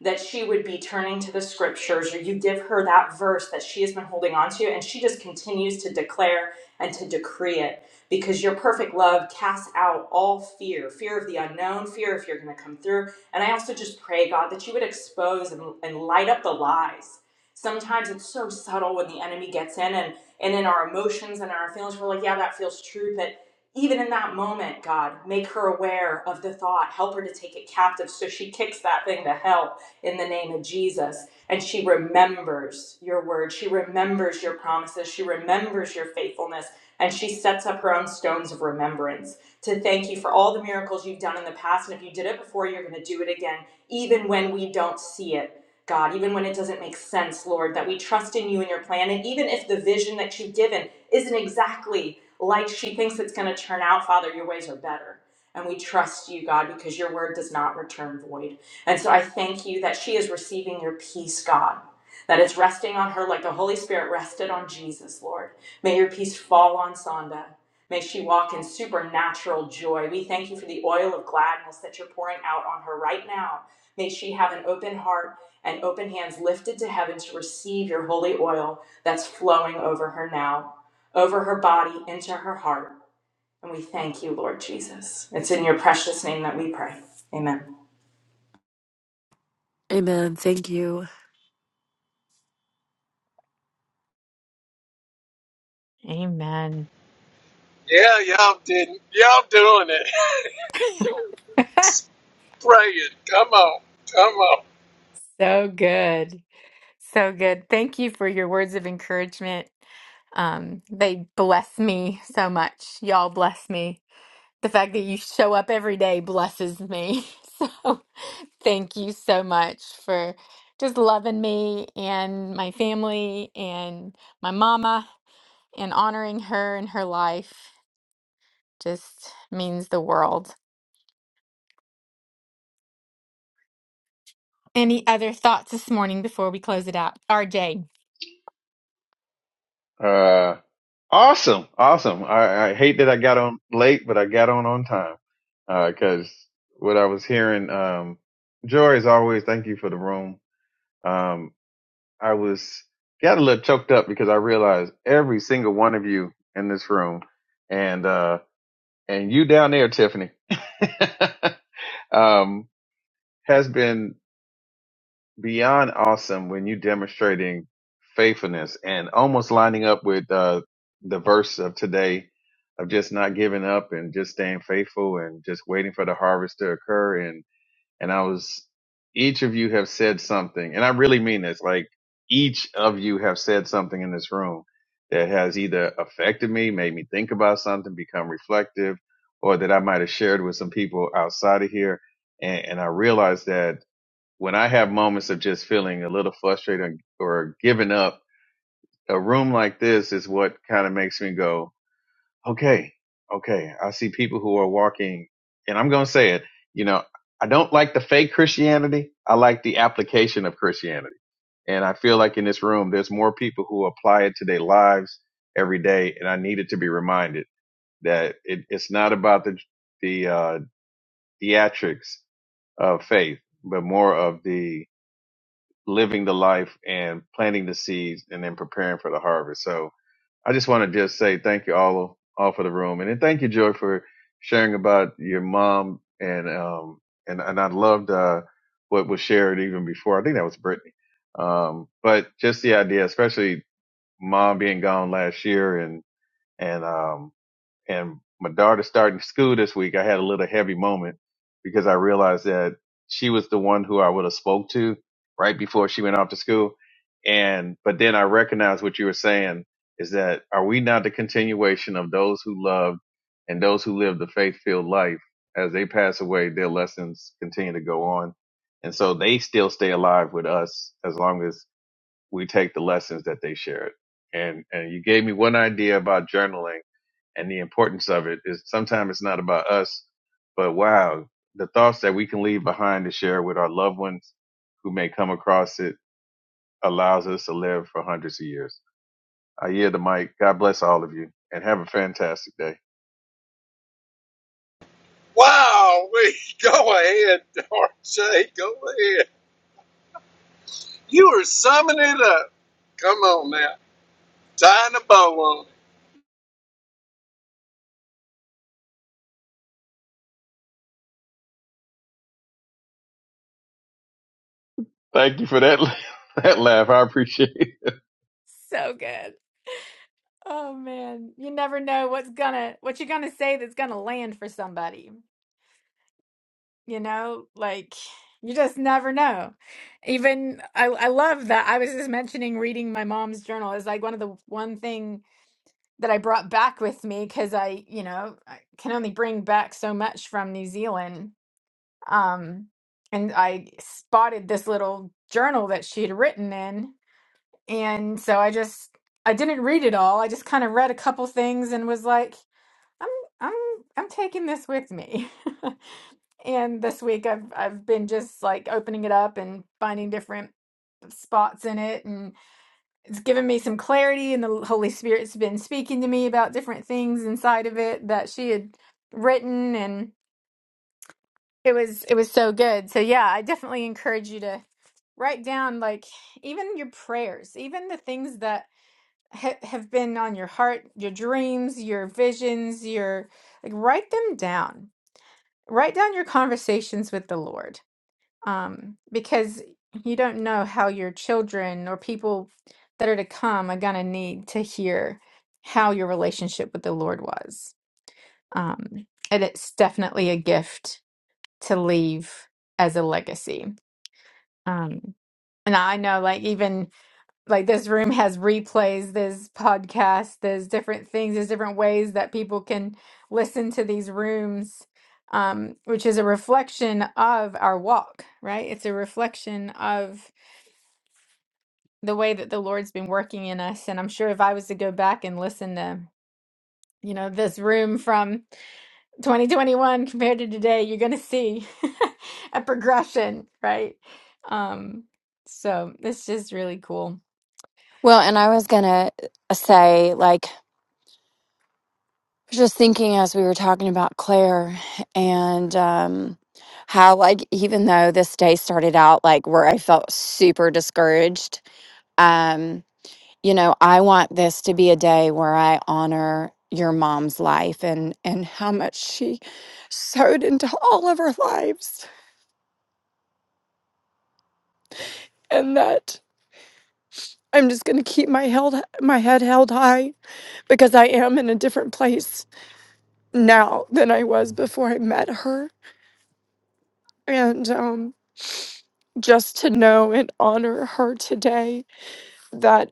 Speaker 5: that she would be turning to the scriptures or you give her that verse that she has been holding on to and she just continues to declare and to decree it because your perfect love casts out all fear fear of the unknown fear if you're going to come through and i also just pray god that you would expose and, and light up the lies sometimes it's so subtle when the enemy gets in and and in our emotions and our feelings we're like yeah that feels true but even in that moment god make her aware of the thought help her to take it captive so she kicks that thing to hell in the name of Jesus. And she remembers your word. She remembers your promises. She remembers your faithfulness. And she sets up her own stones of remembrance to thank you for all the miracles you've done in the past. And if you did it before, you're going to do it again, even when we don't see it. God, even when it doesn't make sense, Lord, that we trust in you and your plan. And even if the vision that you've given isn't exactly like she thinks it's going to turn out, Father, your ways are better. And we trust you, God, because your word does not return void. And so I thank you that she is receiving your peace, God, that it's resting on her like the Holy Spirit rested on Jesus, Lord. May your peace fall on Sonda. May she walk in supernatural joy. We thank you for the oil of gladness that you're pouring out on her right now. May she have an open heart and open hands lifted to heaven to receive your holy oil that's flowing over her now, over her body, into her heart. And we thank you, Lord Jesus. It's in your precious name that we pray. Amen.
Speaker 4: Amen. Thank you.
Speaker 1: Amen.
Speaker 3: Yeah, y'all did. Y'all doing it.
Speaker 1: *laughs*
Speaker 3: *laughs* Praying. Come on. Come on.
Speaker 1: so good. So good. Thank you for your words of encouragement. Um, they bless me so much. Y'all bless me. The fact that you show up every day blesses me. *laughs* So thank you so much for just loving me and my family and my mama and honoring her and her life just means the world. Any other thoughts this morning before we close it out? RJ.
Speaker 7: Uh, awesome, awesome. I, I hate that I got on late, but I got on on time. Uh, cause what I was hearing, um, Joy, as always, thank you for the room. Um, I was got a little choked up because I realized every single one of you in this room and, uh, and you down there, Tiffany, *laughs* um, has been beyond awesome when you demonstrating faithfulness and almost lining up with uh, the verse of today of just not giving up and just staying faithful and just waiting for the harvest to occur and and I was each of you have said something and I really mean this like each of you have said something in this room that has either affected me, made me think about something, become reflective, or that I might have shared with some people outside of here. And, and I realized that when I have moments of just feeling a little frustrated or giving up, a room like this is what kind of makes me go, okay, okay. I see people who are walking, and I'm going to say it, you know, I don't like the fake Christianity. I like the application of Christianity. And I feel like in this room, there's more people who apply it to their lives every day. And I needed to be reminded that it, it's not about the, the, uh, theatrics of faith, but more of the, living the life and planting the seeds and then preparing for the harvest. So I just want to just say thank you all, all for the room. And then thank you, Joy, for sharing about your mom. And, um, and, and I loved, uh, what was shared even before. I think that was Brittany. Um, but just the idea, especially mom being gone last year and, and, um, and my daughter starting school this week, I had a little heavy moment because I realized that she was the one who I would have spoke to right before she went off to school. And, but then I recognized what you were saying is that are we not the continuation of those who loved and those who lived the faith filled life as they pass away, their lessons continue to go on. And so they still stay alive with us as long as we take the lessons that they shared. And, and you gave me one idea about journaling and the importance of it is sometimes it's not about us, but wow, the thoughts that we can leave behind to share with our loved ones who may come across it allows us to live for hundreds of years. I yield the mic. God bless all of you and have a fantastic day.
Speaker 3: Wow. We *laughs* go ahead, Darcy. Go ahead. You are summing it up. Come on now. Tying a bow on. it.
Speaker 7: Thank you for that, *laughs* that laugh. I appreciate it.
Speaker 1: So good. Oh man, you never know what's gonna what you're gonna say that's gonna land for somebody. You know, like you just never know. Even I, I love that. I was just mentioning reading my mom's journal is like one of the one thing that I brought back with me because I, you know, I can only bring back so much from New Zealand. Um, and I spotted this little journal that she had written in, and so I just I didn't read it all. I just kind of read a couple things and was like, I'm I'm I'm taking this with me. *laughs* and this week I've I've been just like opening it up and finding different spots in it and it's given me some clarity and the Holy Spirit's been speaking to me about different things inside of it that she had written and it was it was so good. So yeah, I definitely encourage you to write down like even your prayers, even the things that ha- have been on your heart, your dreams, your visions, your like write them down. Write down your conversations with the Lord. Um because you don't know how your children or people that are to come are going to need to hear how your relationship with the Lord was. Um and it's definitely a gift to leave as a legacy. Um and I know like even like this room has replays, there's podcasts, there's different things, there's different ways that people can listen to these rooms, um, which is a reflection of our walk, right? It's a reflection of the way that the Lord's been working in us. And I'm sure if I was to go back and listen to, you know, this room from 2021 compared to today, you're going to see *laughs* a progression, right? Um, so it's just really cool.
Speaker 4: Well, and I was gonna uh, say, like, I was just thinking as we were talking about Claire and um, how, like, even though this day started out like where I felt super discouraged, um, you know i want this to be a day where i honor your mom's life and and how much she sewed into all of our lives and that i'm just going to keep my held my head held high because i am in a different place now than i was before i met her and um just to know and honor her today that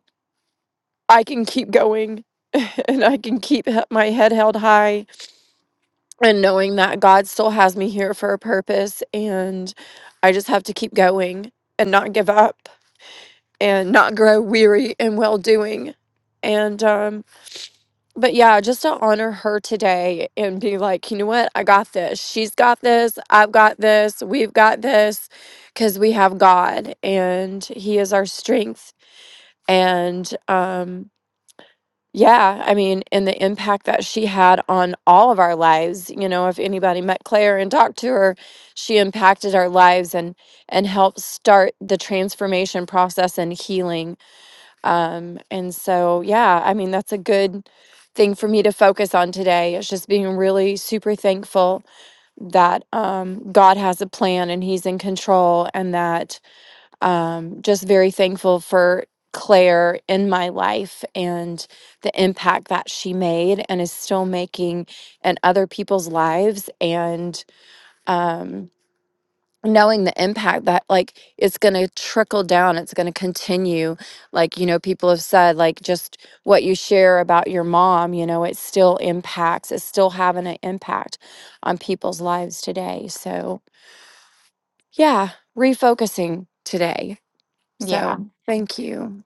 Speaker 4: I can keep going, that my head held high, and knowing that God still has me here for a purpose and. I just have to keep going and not give up and not grow weary and well doing. And um but yeah, just to honor her today and be like, you know what? I got this. She's got this. I've got this. We've got this cuz we have God and he is our strength and um yeah, I mean, and the impact that she had on all of our lives, you know, if anybody met Claire and talked to her, she impacted our lives and and helped start the transformation process and healing. Um, and so, yeah, I mean, that's a good thing for me to focus on today. It's just being really super thankful that um God has a plan and he's in control and that um, just very thankful for Claire in my life and the impact that she made and is still making in other people's lives and um, knowing the impact that like it's going to trickle down it's going to continue like you know people have said like just what you share about your mom you know it still impacts it's still having an impact on people's lives today so yeah refocusing today
Speaker 1: Yeah.
Speaker 4: so thank you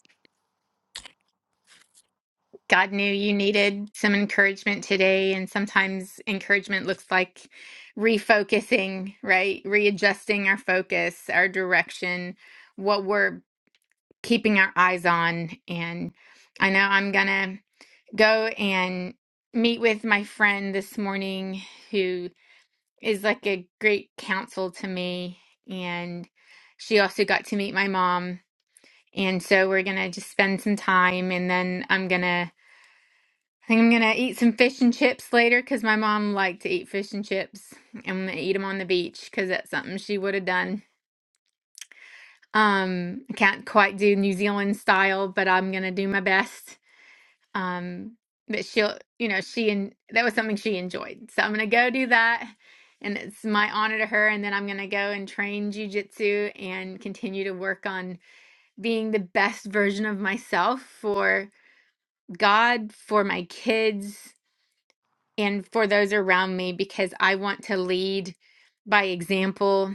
Speaker 1: God knew you needed some encouragement today. And sometimes encouragement looks like refocusing, right? Readjusting our focus, our direction, what we're keeping our eyes on. And I know I'm going to go and meet with my friend this morning who is like a great counsel to me. And she also got to meet my mom. And so we're going to just spend some time and then I'm going to I think I'm gonna eat some fish and chips later because my mom liked to eat fish and chips. I'm gonna eat them on the beach because that's something she would have done. Um, I can't quite do New Zealand style, but I'm gonna do my best. Um, but she'll, you know, she and that was something she enjoyed, so I'm gonna go do that, and it's my honor to her. And then I'm gonna go and train jujitsu and continue to work on being the best version of myself for God, for my kids. and for those around me because I want to lead by example,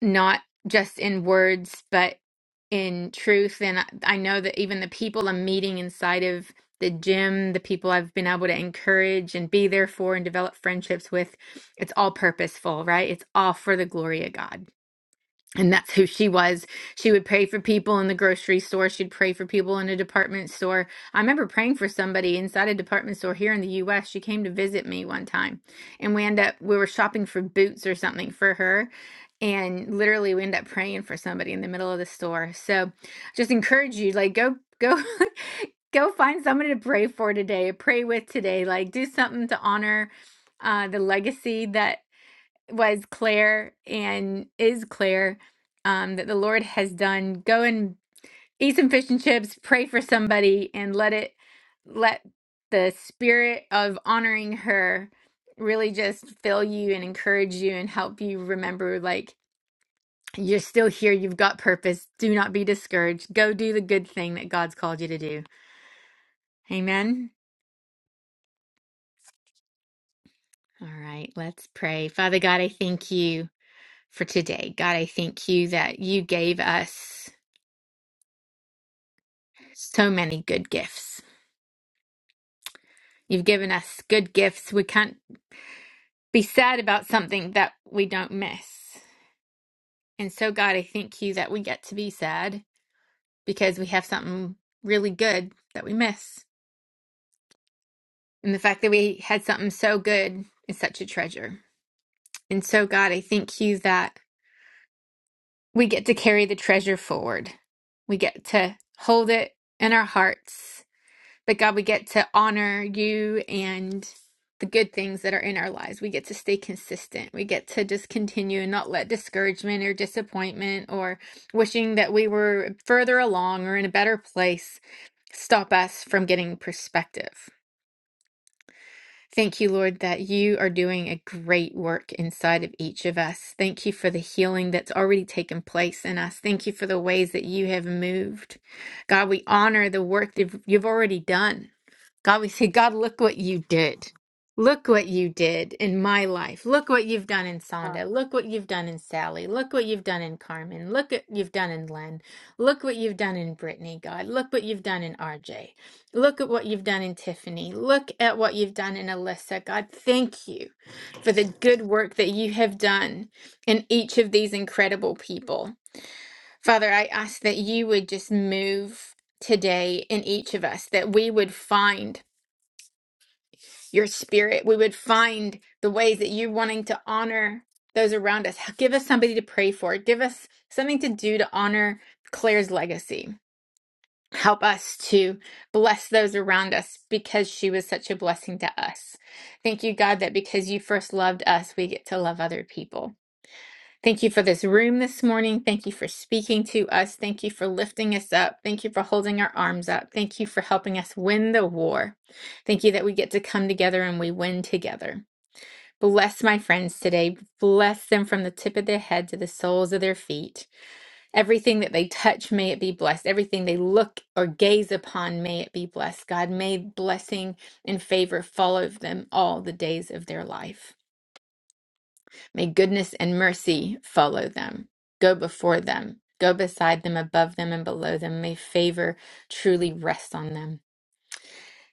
Speaker 1: not just in words, but in truth. And I I know that even the people I'm meeting inside of the gym, the people I've been able to encourage and be there for and develop friendships with, it's all purposeful, right? It's all for the glory of God and that's who she was. She would pray for people in the grocery store. She'd pray for people in a department store. I remember praying for somebody inside a department store here in the U.S. She came to visit me one time, and we end up we were shopping for boots or something for her, and literally we end up praying for somebody in the middle of the store. So, just encourage you like go go *laughs* go find someone to pray for today, pray with today. Like do something to honor uh, the legacy that was Claire and is Claire um, that the Lord has done. Go and eat some fish and chips, pray for somebody, and let it let the spirit of honoring her really just fill you and encourage you and help you remember like you're still here, you've got purpose. Do not be discouraged. Go do the good thing that God's called you to do. Amen. All right, let's pray. Father God, I thank you for today. God, I thank you that you gave us. So many good gifts. You've given us good gifts. We can't be sad about something that we don't miss. And so, God, I thank you that we get to be sad because we have something really good that we miss. And the fact that we had something so good is such a treasure. And so, God, I thank you that we get to carry the treasure forward. We get to hold it in our hearts But God, we get to honor you and the good things that are in our lives. We get to stay consistent. We get to just continue and not let discouragement or disappointment or wishing that we were further along or in a better place stop us from getting perspective. Thank you, Lord, that you are doing a great work inside of each of us. Thank you for the healing that's already taken place in us. Thank you for the ways that you have moved. God, we honor the work that you've already done. God, we say, God, look what you did. Look what you did in my life. Look what you've done in
Speaker 8: Ah.
Speaker 1: Sonda. Look what you've done in Sally. Look what you've done in Carmen. Look what you've done in Len. Look what you've done in Brittany, God. Look what you've done in RJ. Look at what you've done in Tiffany. Look at what you've done in Alyssa. God, thank you for the good work that you have done in each of these incredible people. Father, I ask that you would just move today in each of us, that we would find your spirit. We would find the ways that you're wanting to honor those around us. Give us somebody to pray for. Give us something to do to honor Claire's legacy. Help us to bless those around us because she was such a blessing to us. Thank you, God, that because you first loved us, we get to love other people. Thank you for this room this morning. Thank you for speaking to us. Thank you for lifting us up. Thank you for holding our arms up. Thank you for helping us win the war. Thank you that we get to come together and we win together. Bless my friends today. Bless them from the tip of their head to the soles of their feet. Everything that they touch, may it be blessed. Everything they look or gaze upon, may it be blessed. God, may blessing and favor follow them all the days of their life. May goodness and mercy follow them, go before them, go beside them, above them, and below them. May favor truly rest on them.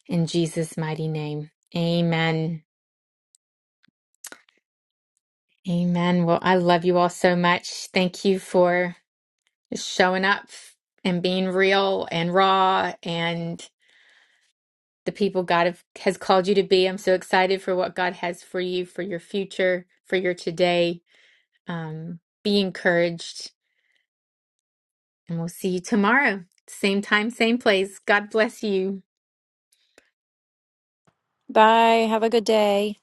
Speaker 1: In Jesus' mighty name, amen. Amen. Well, I love you all so much. Thank you for showing up and being real and raw and the people God have, has called you to be. I'm so excited for what God has for you, for your future, for your today. Um, be encouraged And we'll see you tomorrow. Same time, same place. God bless you.
Speaker 4: Bye. Have a good day.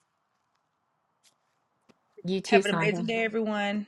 Speaker 1: You too,
Speaker 6: Have an
Speaker 1: Sonda.
Speaker 6: amazing day, everyone.